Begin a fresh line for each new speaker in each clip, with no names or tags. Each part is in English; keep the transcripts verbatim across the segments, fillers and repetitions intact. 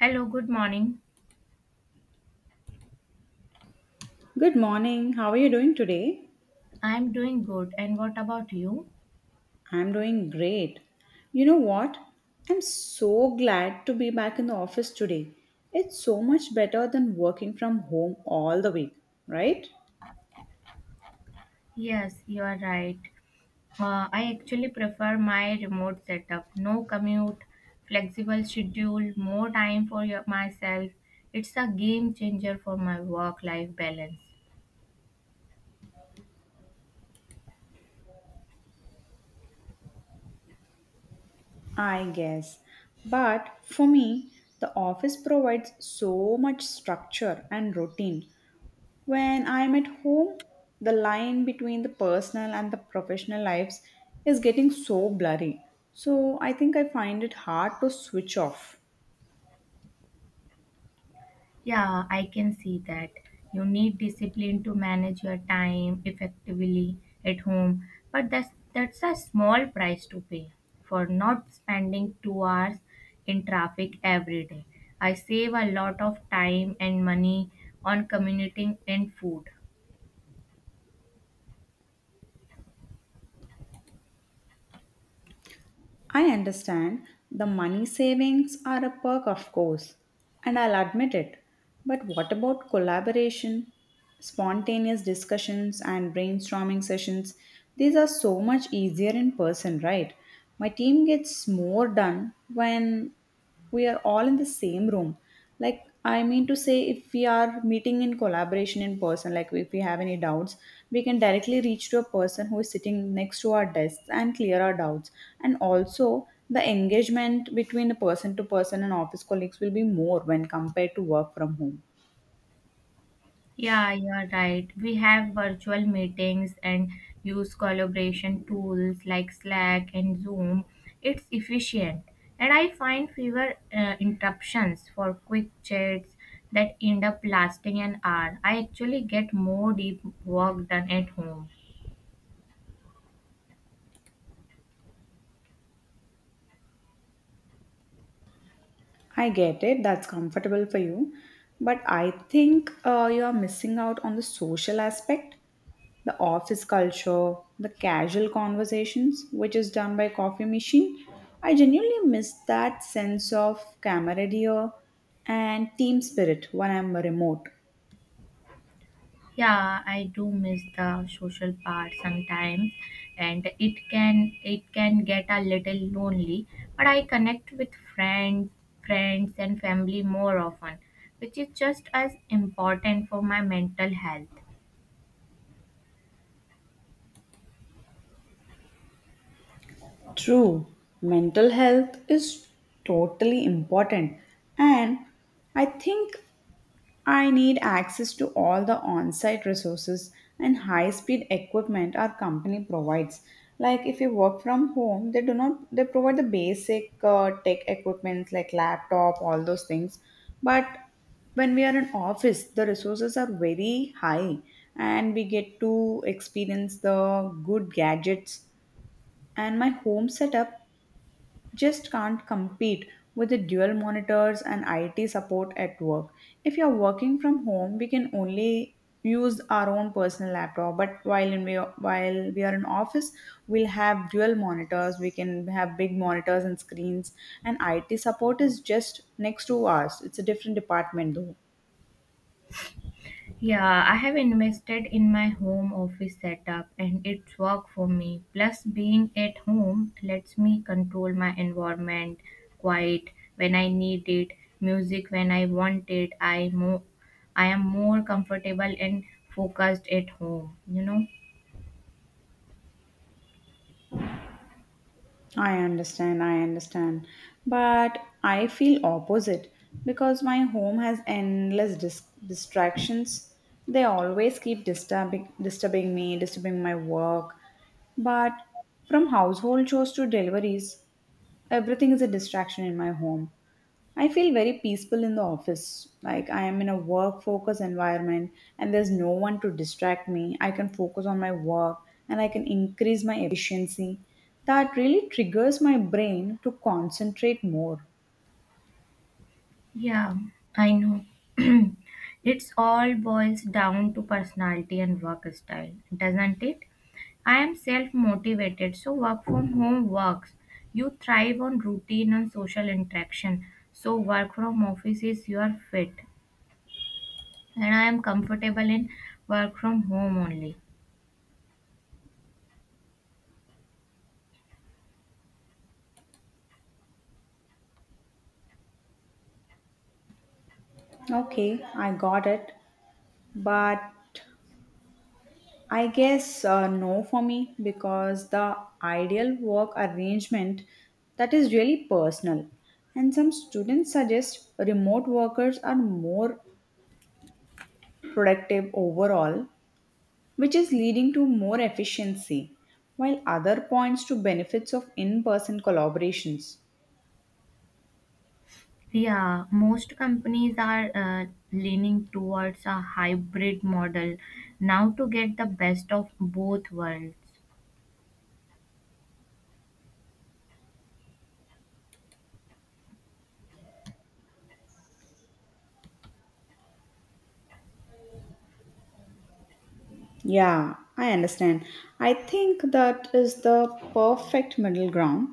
Hello, good morning.
Good morning. How are you doing today?
I'm doing good. And what about you?
I'm doing great. You know what? I'm so glad to be back in the office today. It's so much better than working from home all the week, right?
Yes, you are right. Uh, I actually prefer my remote setup. No commute, flexible schedule, more time for your, myself. It's a game changer for my work life balance.
I guess. But for me, the office provides so much structure and routine. When I'm at home, the line between the personal and the professional lives is getting so blurry. So I think I find it hard to switch off.
Yeah, I can see that. You need discipline to manage your time effectively at home, but that's that's a small price to pay for not spending two hours in traffic every day. I save a lot of time and money on commuting and food.
I understand the money savings are a perk, of course, and I'll admit it. But what about collaboration, spontaneous discussions, and brainstorming sessions? These are so much easier in person, right? My team gets more done when we are all in the same room. Like, I mean to say, if we are meeting in collaboration in person, like if we have any doubts, we can directly reach to a person who is sitting next to our desks and clear our doubts. And also the engagement between the person to person and office colleagues will be more when compared to work from home.
Yeah, you're right. We have virtual meetings and use collaboration tools like Slack and Zoom. It's efficient. And I find fewer uh, interruptions for quick chats that end up lasting an hour. I actually get more deep work done at home.
I get it. That's comfortable for you. But I think uh, you are missing out on the social aspect. The office culture, the casual conversations, which is done by coffee machine. I genuinely miss that sense of camaraderie and team spirit when I'm remote.
Yeah, I do miss the social part sometimes, and it can it can get a little lonely, but I connect with friend, friends and family more often, which is just as important for my mental health.
True, mental health is totally important, and I think I need access to all the on site resources and high speed equipment our company provides. Like if you work from home, they do not they provide the basic uh, tech equipment like laptop, all those things. But when we are in office, the resources are very high and we get to experience the good gadgets, and my home setup just can't compete with the dual monitors and I T support at work. If you're working from home, we can only use our own personal laptop, but while in, while we are in office, we'll have dual monitors, we can have big monitors and screens, and I T support is just next to us. It's a different department though.
Yeah, I have invested in my home office setup and it's worked for me. Plus, being at home lets me control my environment: quiet when I need it, music when I want it. I mo- I am more comfortable and focused at home, you know?
I understand, I understand. But I feel opposite because my home has endless dis- distractions. They always keep disturbing disturbing me, disturbing my work. But from household chores to deliveries, everything is a distraction in my home. I feel very peaceful in the office. Like, I am in a work focused environment and there's no one to distract me. I can focus on my work and I can increase my efficiency. That really triggers my brain to concentrate more.
Yeah, I know. It's all boils down to personality and work style, doesn't it? I am self motivated, so work from home works. You thrive on routine and social interaction, so work from office is your fit. And I am comfortable in work from home only.
Okay, I got it. But I guess uh, no for me, because the ideal work arrangement, that is really personal. And some students suggest remote workers are more productive overall, which is leading to more efficiency, while other points to benefits of in person collaborations.
Yeah, most companies are uh, leaning towards a hybrid model now to get the best of both worlds.
Yeah, I understand. I think that is the perfect middle ground.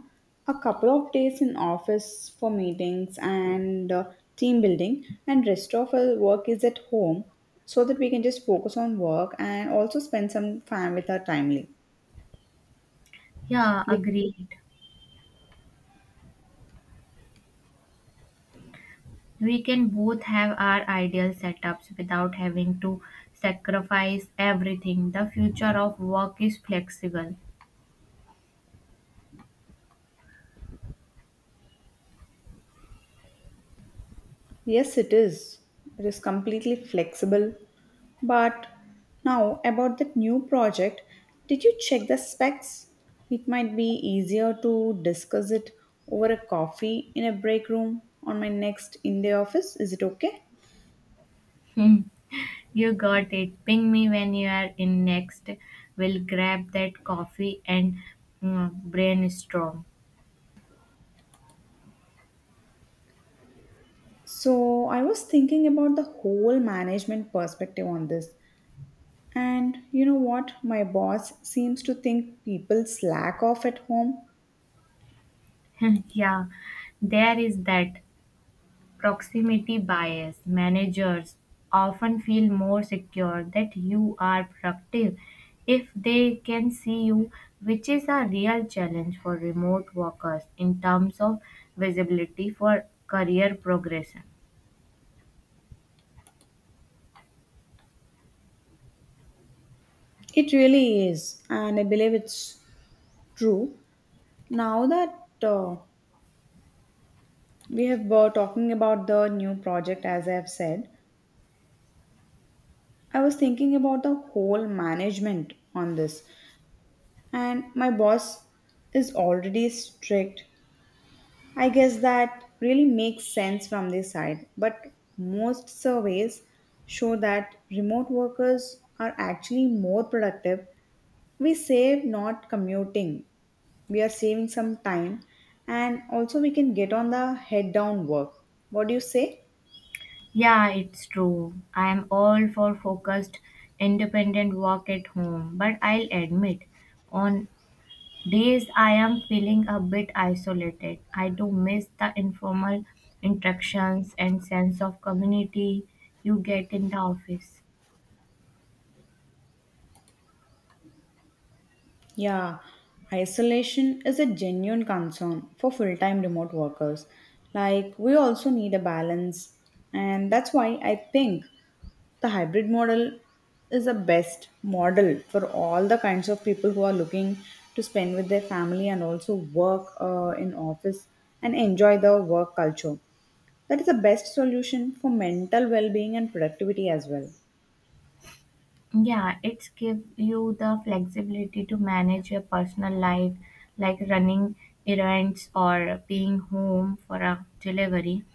A couple of days in office for meetings and uh, team building, and rest of our work is at home so that we can just focus on work and also spend some time with our family.
Yeah,
We.
agreed. We can both have our ideal setups without having to sacrifice everything. The future of work is flexible.
Yes, it is. It is completely flexible. But now, about that new project, did you check the specs? It might be easier to discuss it over a coffee in a break room on my next in day office. Is it okay?
Hmm, you got it. Ping me when you are in next. We'll grab that coffee and mm, brainstorm.
So, I was thinking about the whole management perspective on this. And you know what? My boss seems to think people slack off at home.
Yeah, there is that. Proximity bias: managers often feel more secure that you are productive if they can see you, which is a real challenge for remote workers in terms of visibility for career progression.
It really is, and I believe it's true. Now that uh, we have were talking about the new project, as I have said, I was thinking about the whole management on this, and my boss is already strict. I guess that really makes sense from this side, but most surveys show that remote workers are actually more productive. We save not commuting, we are saving some time, and also we can get on the head down work. What do you say?
Yeah, it's true. I am all for focused, independent work at home, but I'll admit, on days I am feeling a bit isolated. I do miss the informal interactions and sense of community you get in the office.
Yeah, isolation is a genuine concern for full time remote workers. Like, we also need a balance, and that's why I think the hybrid model is the best model for all the kinds of people who are looking to spend with their family and also work uh, in office and enjoy the work culture. That is the best solution for mental well being and productivity as well.
Yeah, it's give you the flexibility to manage your personal life, like running errands or being home for a delivery,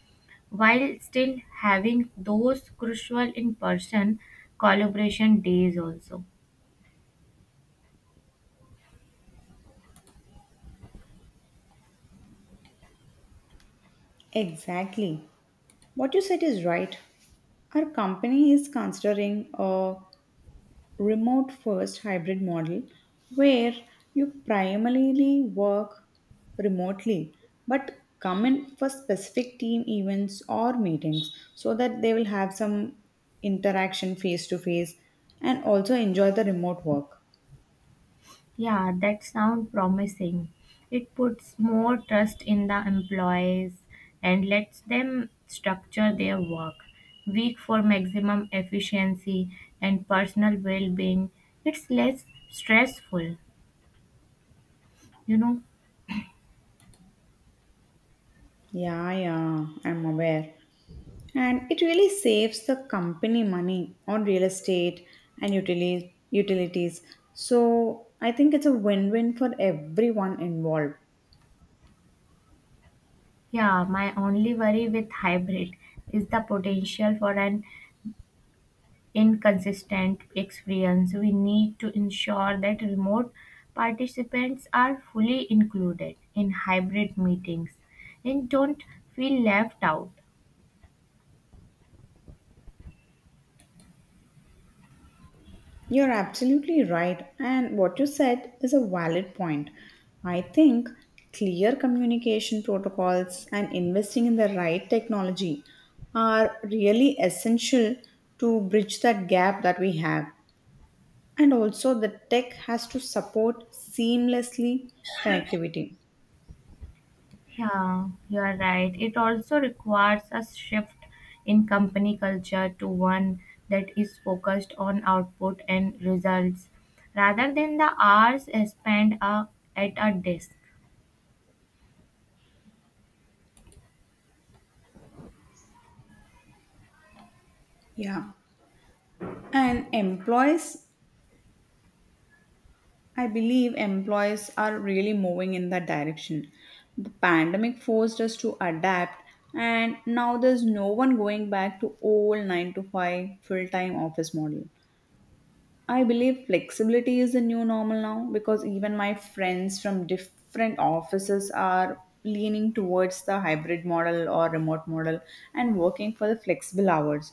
while still having those crucial in person collaboration days also.
Exactly. What you said is right. Our company is considering uh, remote first hybrid model where you primarily work remotely but come in for specific team events or meetings so that they will have some interaction face to face and also enjoy the remote work.
Yeah, that sounds promising. It puts more trust in the employees and lets them structure their work week for maximum efficiency and personal well-being. It's less stressful, you know.
Yeah, yeah, I'm aware. And it really saves the company money on real estate and utili- utilities. So I think it's a win win for everyone involved.
Yeah, my only worry with hybrid is the potential for an inconsistent experience. We need to ensure that remote participants are fully included in hybrid meetings and don't feel left out.
You're absolutely right, and what you said is a valid point. I think clear communication protocols and investing in the right technology are really essential to bridge that gap that we have. And also, the tech has to support seamlessly connectivity.
Yeah, you are right. It also requires a shift in company culture to one that is focused on output and results rather than the hours spent uh, at a desk.
Yeah. And employees I believe employers are really moving in that direction. The pandemic forced us to adapt, and now there's no one going back to old nine to five full time office model. I believe flexibility is the new normal now because even my friends from different offices are leaning towards the hybrid model or remote model and working for the flexible hours.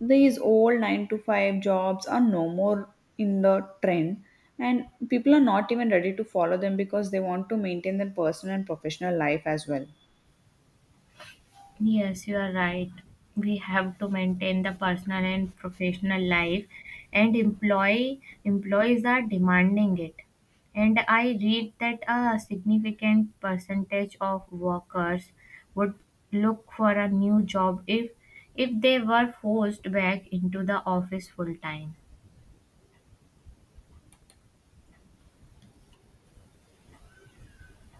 These old nine to five jobs are no more in the trend and people are not even ready to follow them because they want to maintain their personal and professional life as well.
Yes, you are right. We have to maintain the personal and professional life, and employee employees are demanding it. And I read that a significant percentage of workers would look for a new job if if they were forced back into the office full time.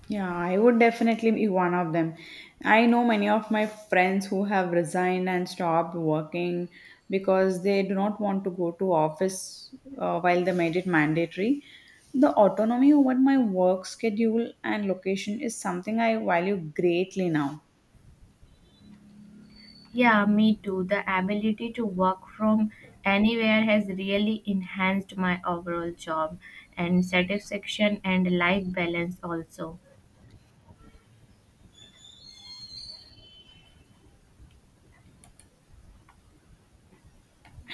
Yeah, I would definitely be one of them. I know many of my friends who have resigned and stopped working because they do not want to go to office uh, while they made it mandatory. The autonomy over my work schedule and location is something I value greatly now.
Yeah, me too. The ability to work from anywhere has really enhanced my overall job and satisfaction and life balance also.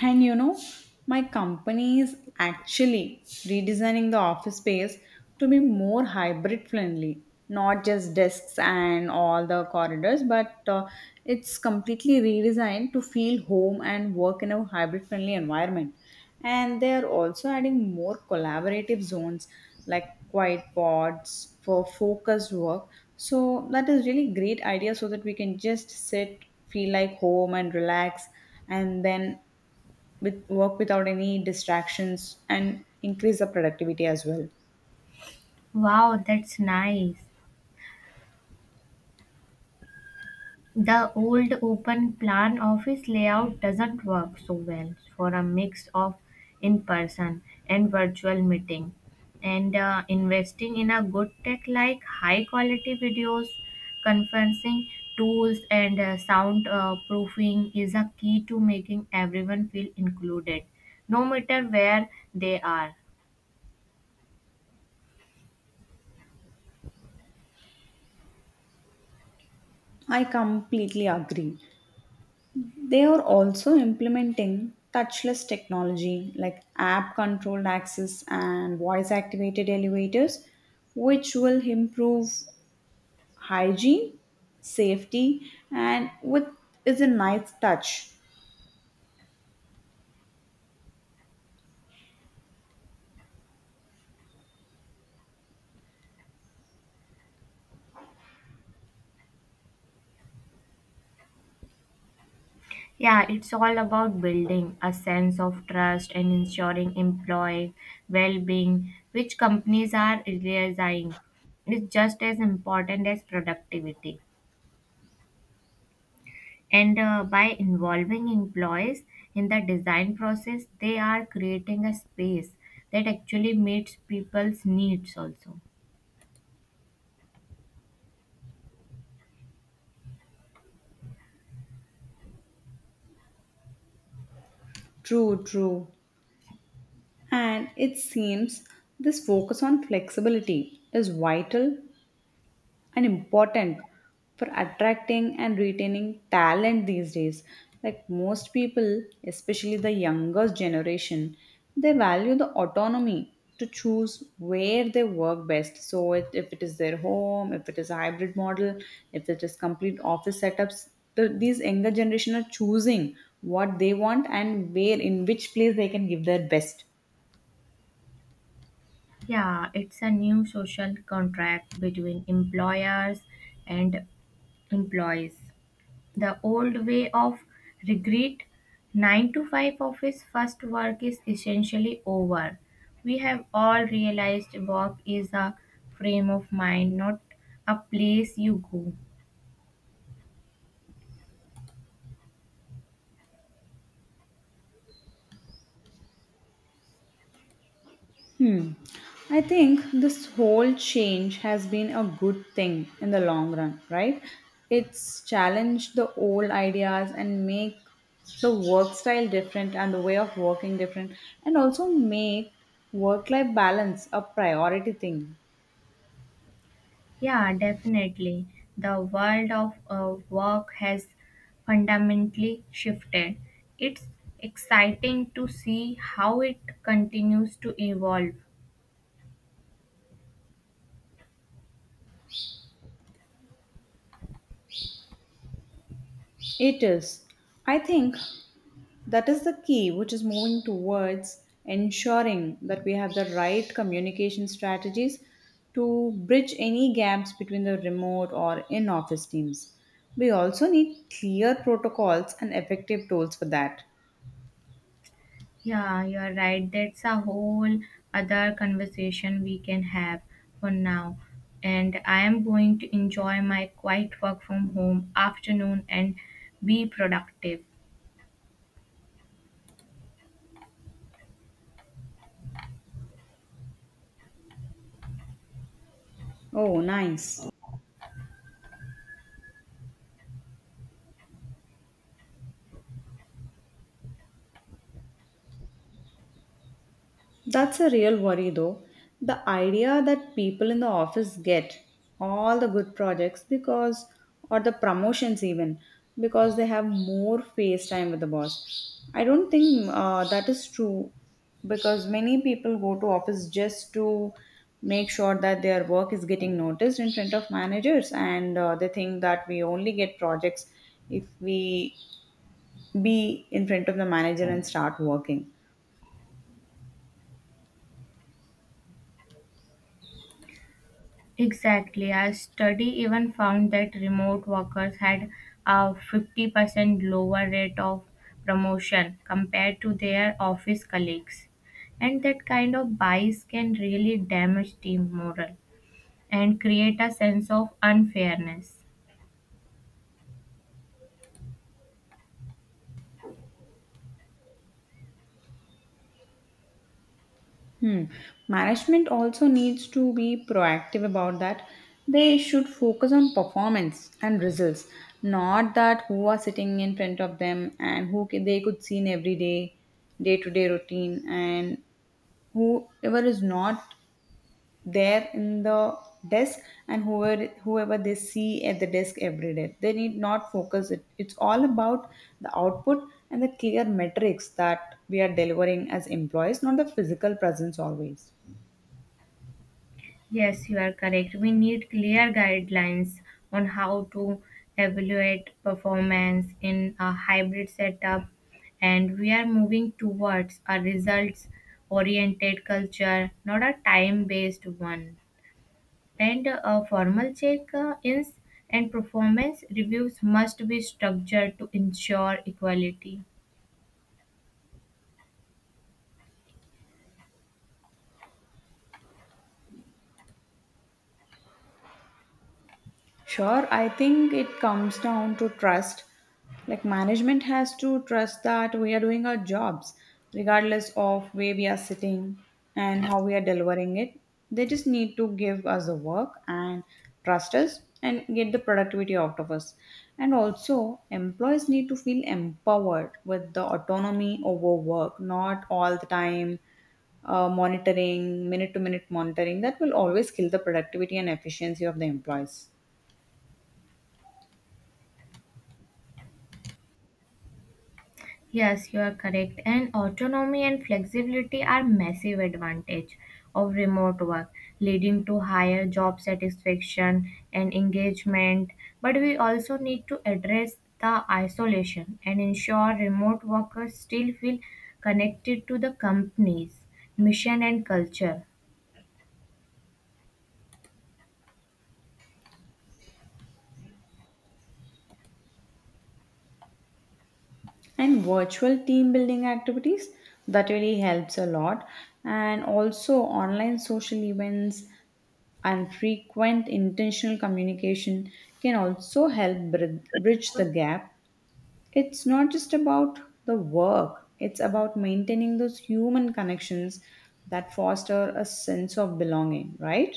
And you know, my company is actually redesigning the office space to be more hybrid friendly, not just desks and all the corridors, but uh, it's completely redesigned to feel home and work in a hybrid friendly environment. And they are also adding more collaborative zones like quiet pods for focused work. So that is really great idea so that we can just sit, feel like home and relax, and then with work without any distractions and increase the productivity as well.
Wow, that's nice. The old open plan office layout doesn't work so well for a mix of in person and virtual meeting. And uh, investing in a good tech like high quality videos, conferencing tools, and uh, sound uh, proofing is a key to making everyone feel included, no matter where they are.
I completely agree. They are also implementing touchless technology like app controlled access and voice activated elevators, which will improve hygiene, safety, and with is a nice touch.
Yeah, it's all about building a sense of trust and ensuring employee well being, which companies are realizing is just as important as productivity. And uh, by involving employees in the design process, they are creating a space that actually meets people's needs also.
True, true. And it seems this focus on flexibility is vital and important for attracting and retaining talent these days. Like most people, especially the younger generation, they value the autonomy to choose where they work best. So it, if it is their home, if it is a hybrid model, if it is complete office setups, the, these younger generation are choosing what they want and where, in which place they can give their best.
Yeah, it's a new social contract between employers and employees. The old way of regret, nine to five office first work is essentially over. We have all realized work is a frame of mind, not a place you go.
I think this whole change has been a good thing in the long run, right? It's challenged the old ideas and make the work style different and the way of working different, and also make work life balance a priority thing.
Yeah, definitely. The world of uh, work has fundamentally shifted. It's exciting to see how it continues to evolve.
It is. I think that is the key, which is moving towards ensuring that we have the right communication strategies to bridge any gaps between the remote or in office teams. We also need clear protocols and effective tools for that.
Yeah, you are right. That's a whole other conversation we can have for now. And I am going to enjoy my quiet work from home afternoon and be productive.
Oh, nice. That's a real worry though. The idea that people in the office get all the good projects because, or the promotions even, because they have more face time with the boss. I don't think uh, that is true, because many people go to office just to make sure that their work is getting noticed in front of managers, and uh, they think that we only get projects if we be in front of the manager and start working.
Exactly. A study even found that remote workers had a fifty percent lower rate of promotion compared to their office colleagues. And that kind of bias can really damage team morale and create a sense of unfairness.
Hmm. Management also needs to be proactive about that. They should focus on performance and results, not that who are sitting in front of them and who ca- they could see in everyday, day to day routine, and whoever is not there in the desk, and whoever whoever they see at the desk every day, they need not focus it. It's all about the output and the clear metrics that we are delivering as employees, not the physical presence always.
Yes, you are correct. We need clear guidelines on how to evaluate performance in a hybrid setup, and we are moving towards a results oriented culture, not a time based one. And a formal check uh, ins and performance reviews must be structured to ensure equality.
Sure, I think it comes down to trust. Like, management has to trust that we are doing our jobs, regardless of where we are sitting and how we are delivering it. They just need to give us the work and trust us and get the productivity out of us. And also, employees need to feel empowered with the autonomy over work, not all the time uh, monitoring, minute to minute monitoring. That will always kill the productivity and efficiency of the employees.
Yes, you are correct. And autonomy and flexibility are massive advantage of remote work, leading to higher job satisfaction and engagement. But we also need to address the isolation and ensure remote workers still feel connected to the company's mission and culture.
And virtual team building activities that really helps a lot, and also online social events and frequent intentional communication can also help brid- bridge the gap. It's not just about the work, it's about maintaining those human connections that foster a sense of belonging, right?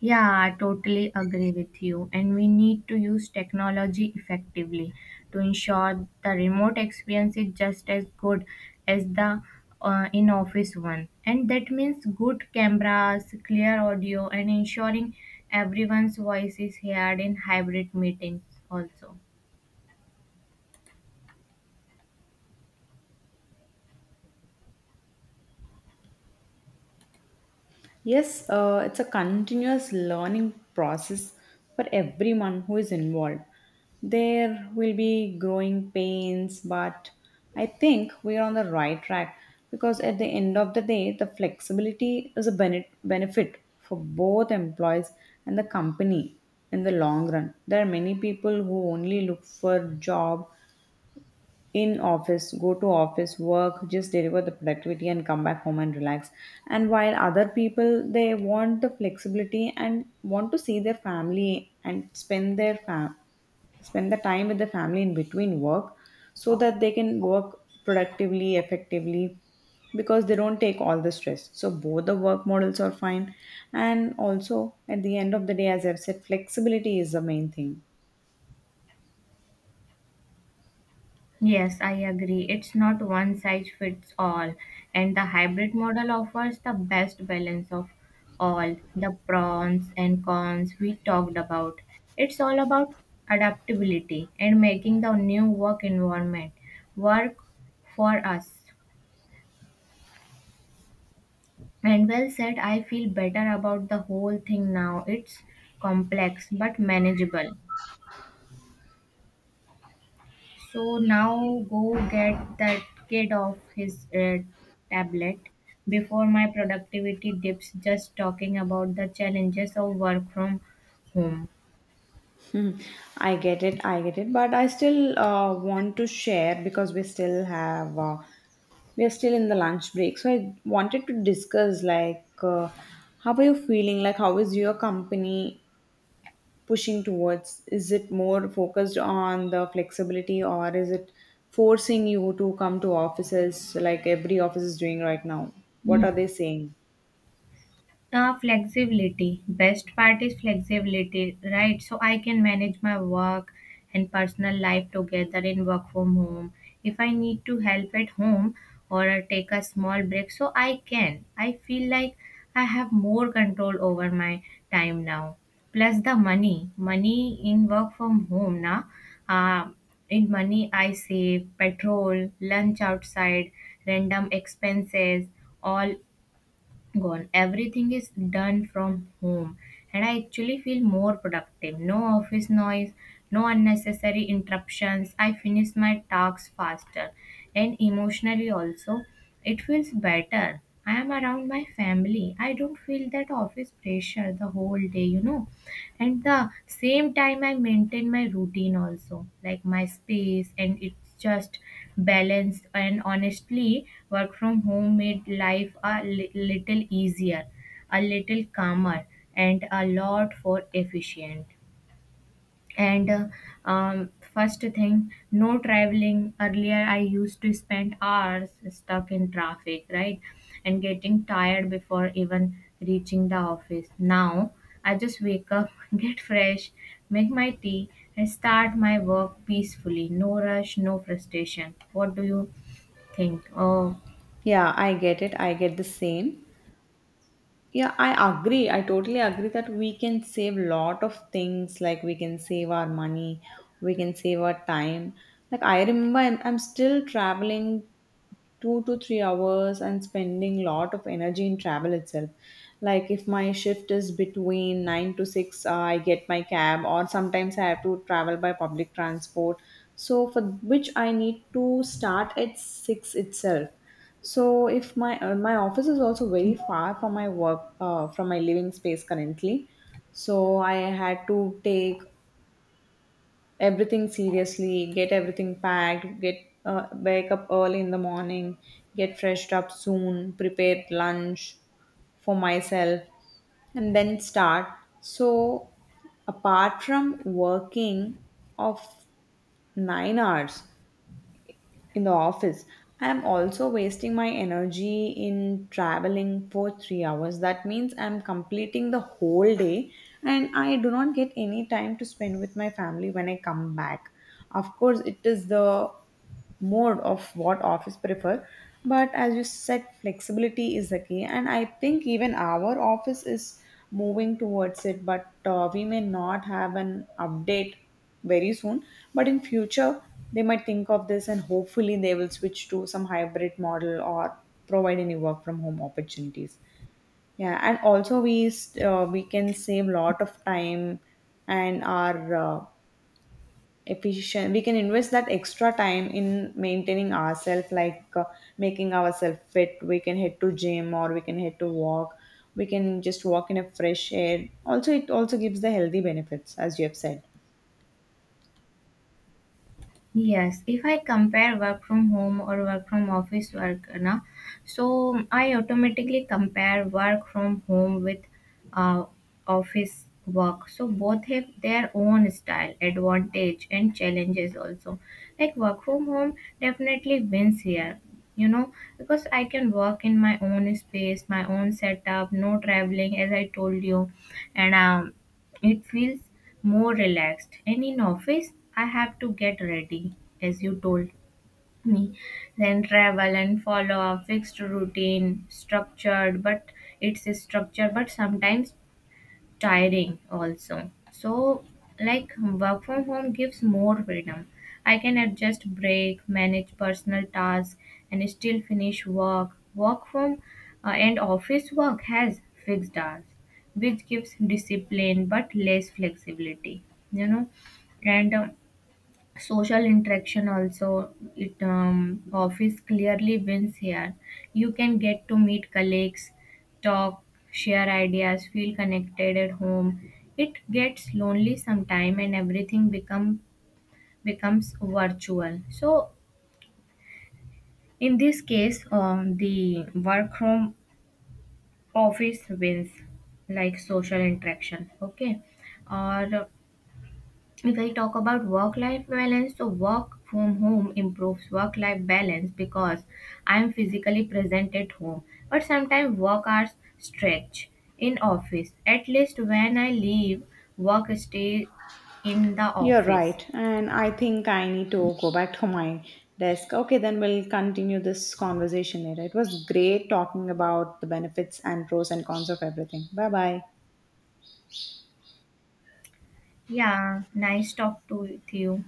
Yeah, I totally agree with you. And we need to use technology effectively to ensure the remote experience is just as good as the uh, in office one. And that means good cameras, clear audio, and ensuring everyone's voice is heard in hybrid meetings also.
Yes, uh, it's a continuous learning process for everyone who is involved. There will be growing pains, but I think we are on the right track because at the end of the day, the flexibility is a bene- benefit for both employees and the company in the long run. There are many people who only look for jobs in office, go to office, work, just deliver the productivity and come back home and relax. And while other people, they want the flexibility and want to see their family and spend their fam- spend the time with the family in between work, so that they can work productively, effectively, because they don't take all the stress. So both the work models are fine. And also at the end of the day, as I've said, flexibility is the main thing.
Yes, I agree. It's not one size fits all, and the hybrid model offers the best balance of all the pros and cons we talked about. It's all about adaptability and making the new work environment work for us. And well said, I feel better about the whole thing now. It's complex but manageable. So now go get that kid off his uh, tablet before my productivity dips just talking about the challenges of work from home.
Mhm. I get it, I get it, but I still uh, want to share, because we still have uh, we are still in the lunch break. So I wanted to discuss, like uh, how are you feeling? Like how is your company pushing towards? Is it more focused on the flexibility, or is it forcing you to come to offices like every office is doing right now? What are
Hmm.
they saying?
Uh, flexibility. Best part is flexibility, right? So I can manage my work and personal life together in work from home. If I need to help at home or take a small break, so I can. I feel like I have more control over my time now. Plus the money. Money in work from home now. Uh, in money, I save petrol, lunch outside, random expenses, all gone. Everything is done from home, and I actually feel more productive. No office noise, no unnecessary interruptions. I finish my tasks faster, and emotionally also, it feels better. I am around my family. I don't feel that office pressure the whole day, you know, and the same time I maintain my routine also, like my space, and it's just balanced. And honestly, work from home made life a li- little easier, a little calmer, and a lot more efficient. And uh, um, first thing, no traveling. Earlier I used to spend hours stuck in traffic, right? And getting tired before even reaching the office. Now I just wake up, get fresh, make my tea, and start my work peacefully. No rush, no frustration. What do you think? Oh,
Yeah, I get it. I get the same. Yeah, I agree. I totally agree that we can save lot of things. Like we can save our money, we can save our time. Like I remember, I'm, I'm still traveling two to three hours and spending lot of energy in travel itself, like if my shift is between nine to six, uh, I get my cab or sometimes I have to travel by public transport, so for which I need to start at six itself. So if my uh, my office is also very far from my work, uh, from my living space currently, so I had to take everything seriously, get everything packed, get uh, wake up early in the morning, get freshed up soon, prepare lunch for myself, and then start. So, apart from working of nine hours, in the office. I'm also wasting my energy in traveling for three hours. That means I'm completing the whole day and I do not get any time to spend with my family when I come back. Of course, it is the mode of what office prefer, but as you said flexibility is the key, and I think even our office is moving towards it, but uh, we may not have an update very soon, but in future they might think of this and hopefully they will switch to some hybrid model or provide any work from home opportunities. Yeah, and also we s- uh, we can save lot of time and our uh, efficient. We can invest that extra time in maintaining ourselves, like uh, making ourselves fit. We can head to gym or we can head to walk. We can just walk in a fresh air. Also, it also gives the healthy benefits, as you have said.
yes, if I compare work from home or work from office work, na, so I automatically compare work from home with uh, office work. So both have their own style, advantage, and challenges also. Like work from home definitely wins here, you know, because I can work in my own space, my own setup, no traveling, as I told you, and um, it feels more relaxed. And in office, I have to get ready, as you told me, then travel and follow a fixed routine, structured, but it's structured, but sometimes tiring also. So, like, work from home gives more freedom. I can adjust break, manage personal tasks, and still finish work. Work from uh, and office work has fixed hours, which gives discipline but less flexibility, you know. And um, social interaction also, it um, office clearly wins here. You can get to meet colleagues, talk, share ideas, feel connected. At home it gets lonely sometime and everything become becomes virtual. So in this case, um, the work from office wins, like social interaction, okay. Or if I talk about work life balance, so work from home improves work life balance because I am physically present at home. But sometimes work hours stretch in office. At least when I leave, work stay in the
You're
office.
right. And I think I need to go back to my desk. Okay, then we'll continue this conversation later. It was great talking about the benefits and pros and cons of everything. Bye bye.
Yeah, nice talk to with you.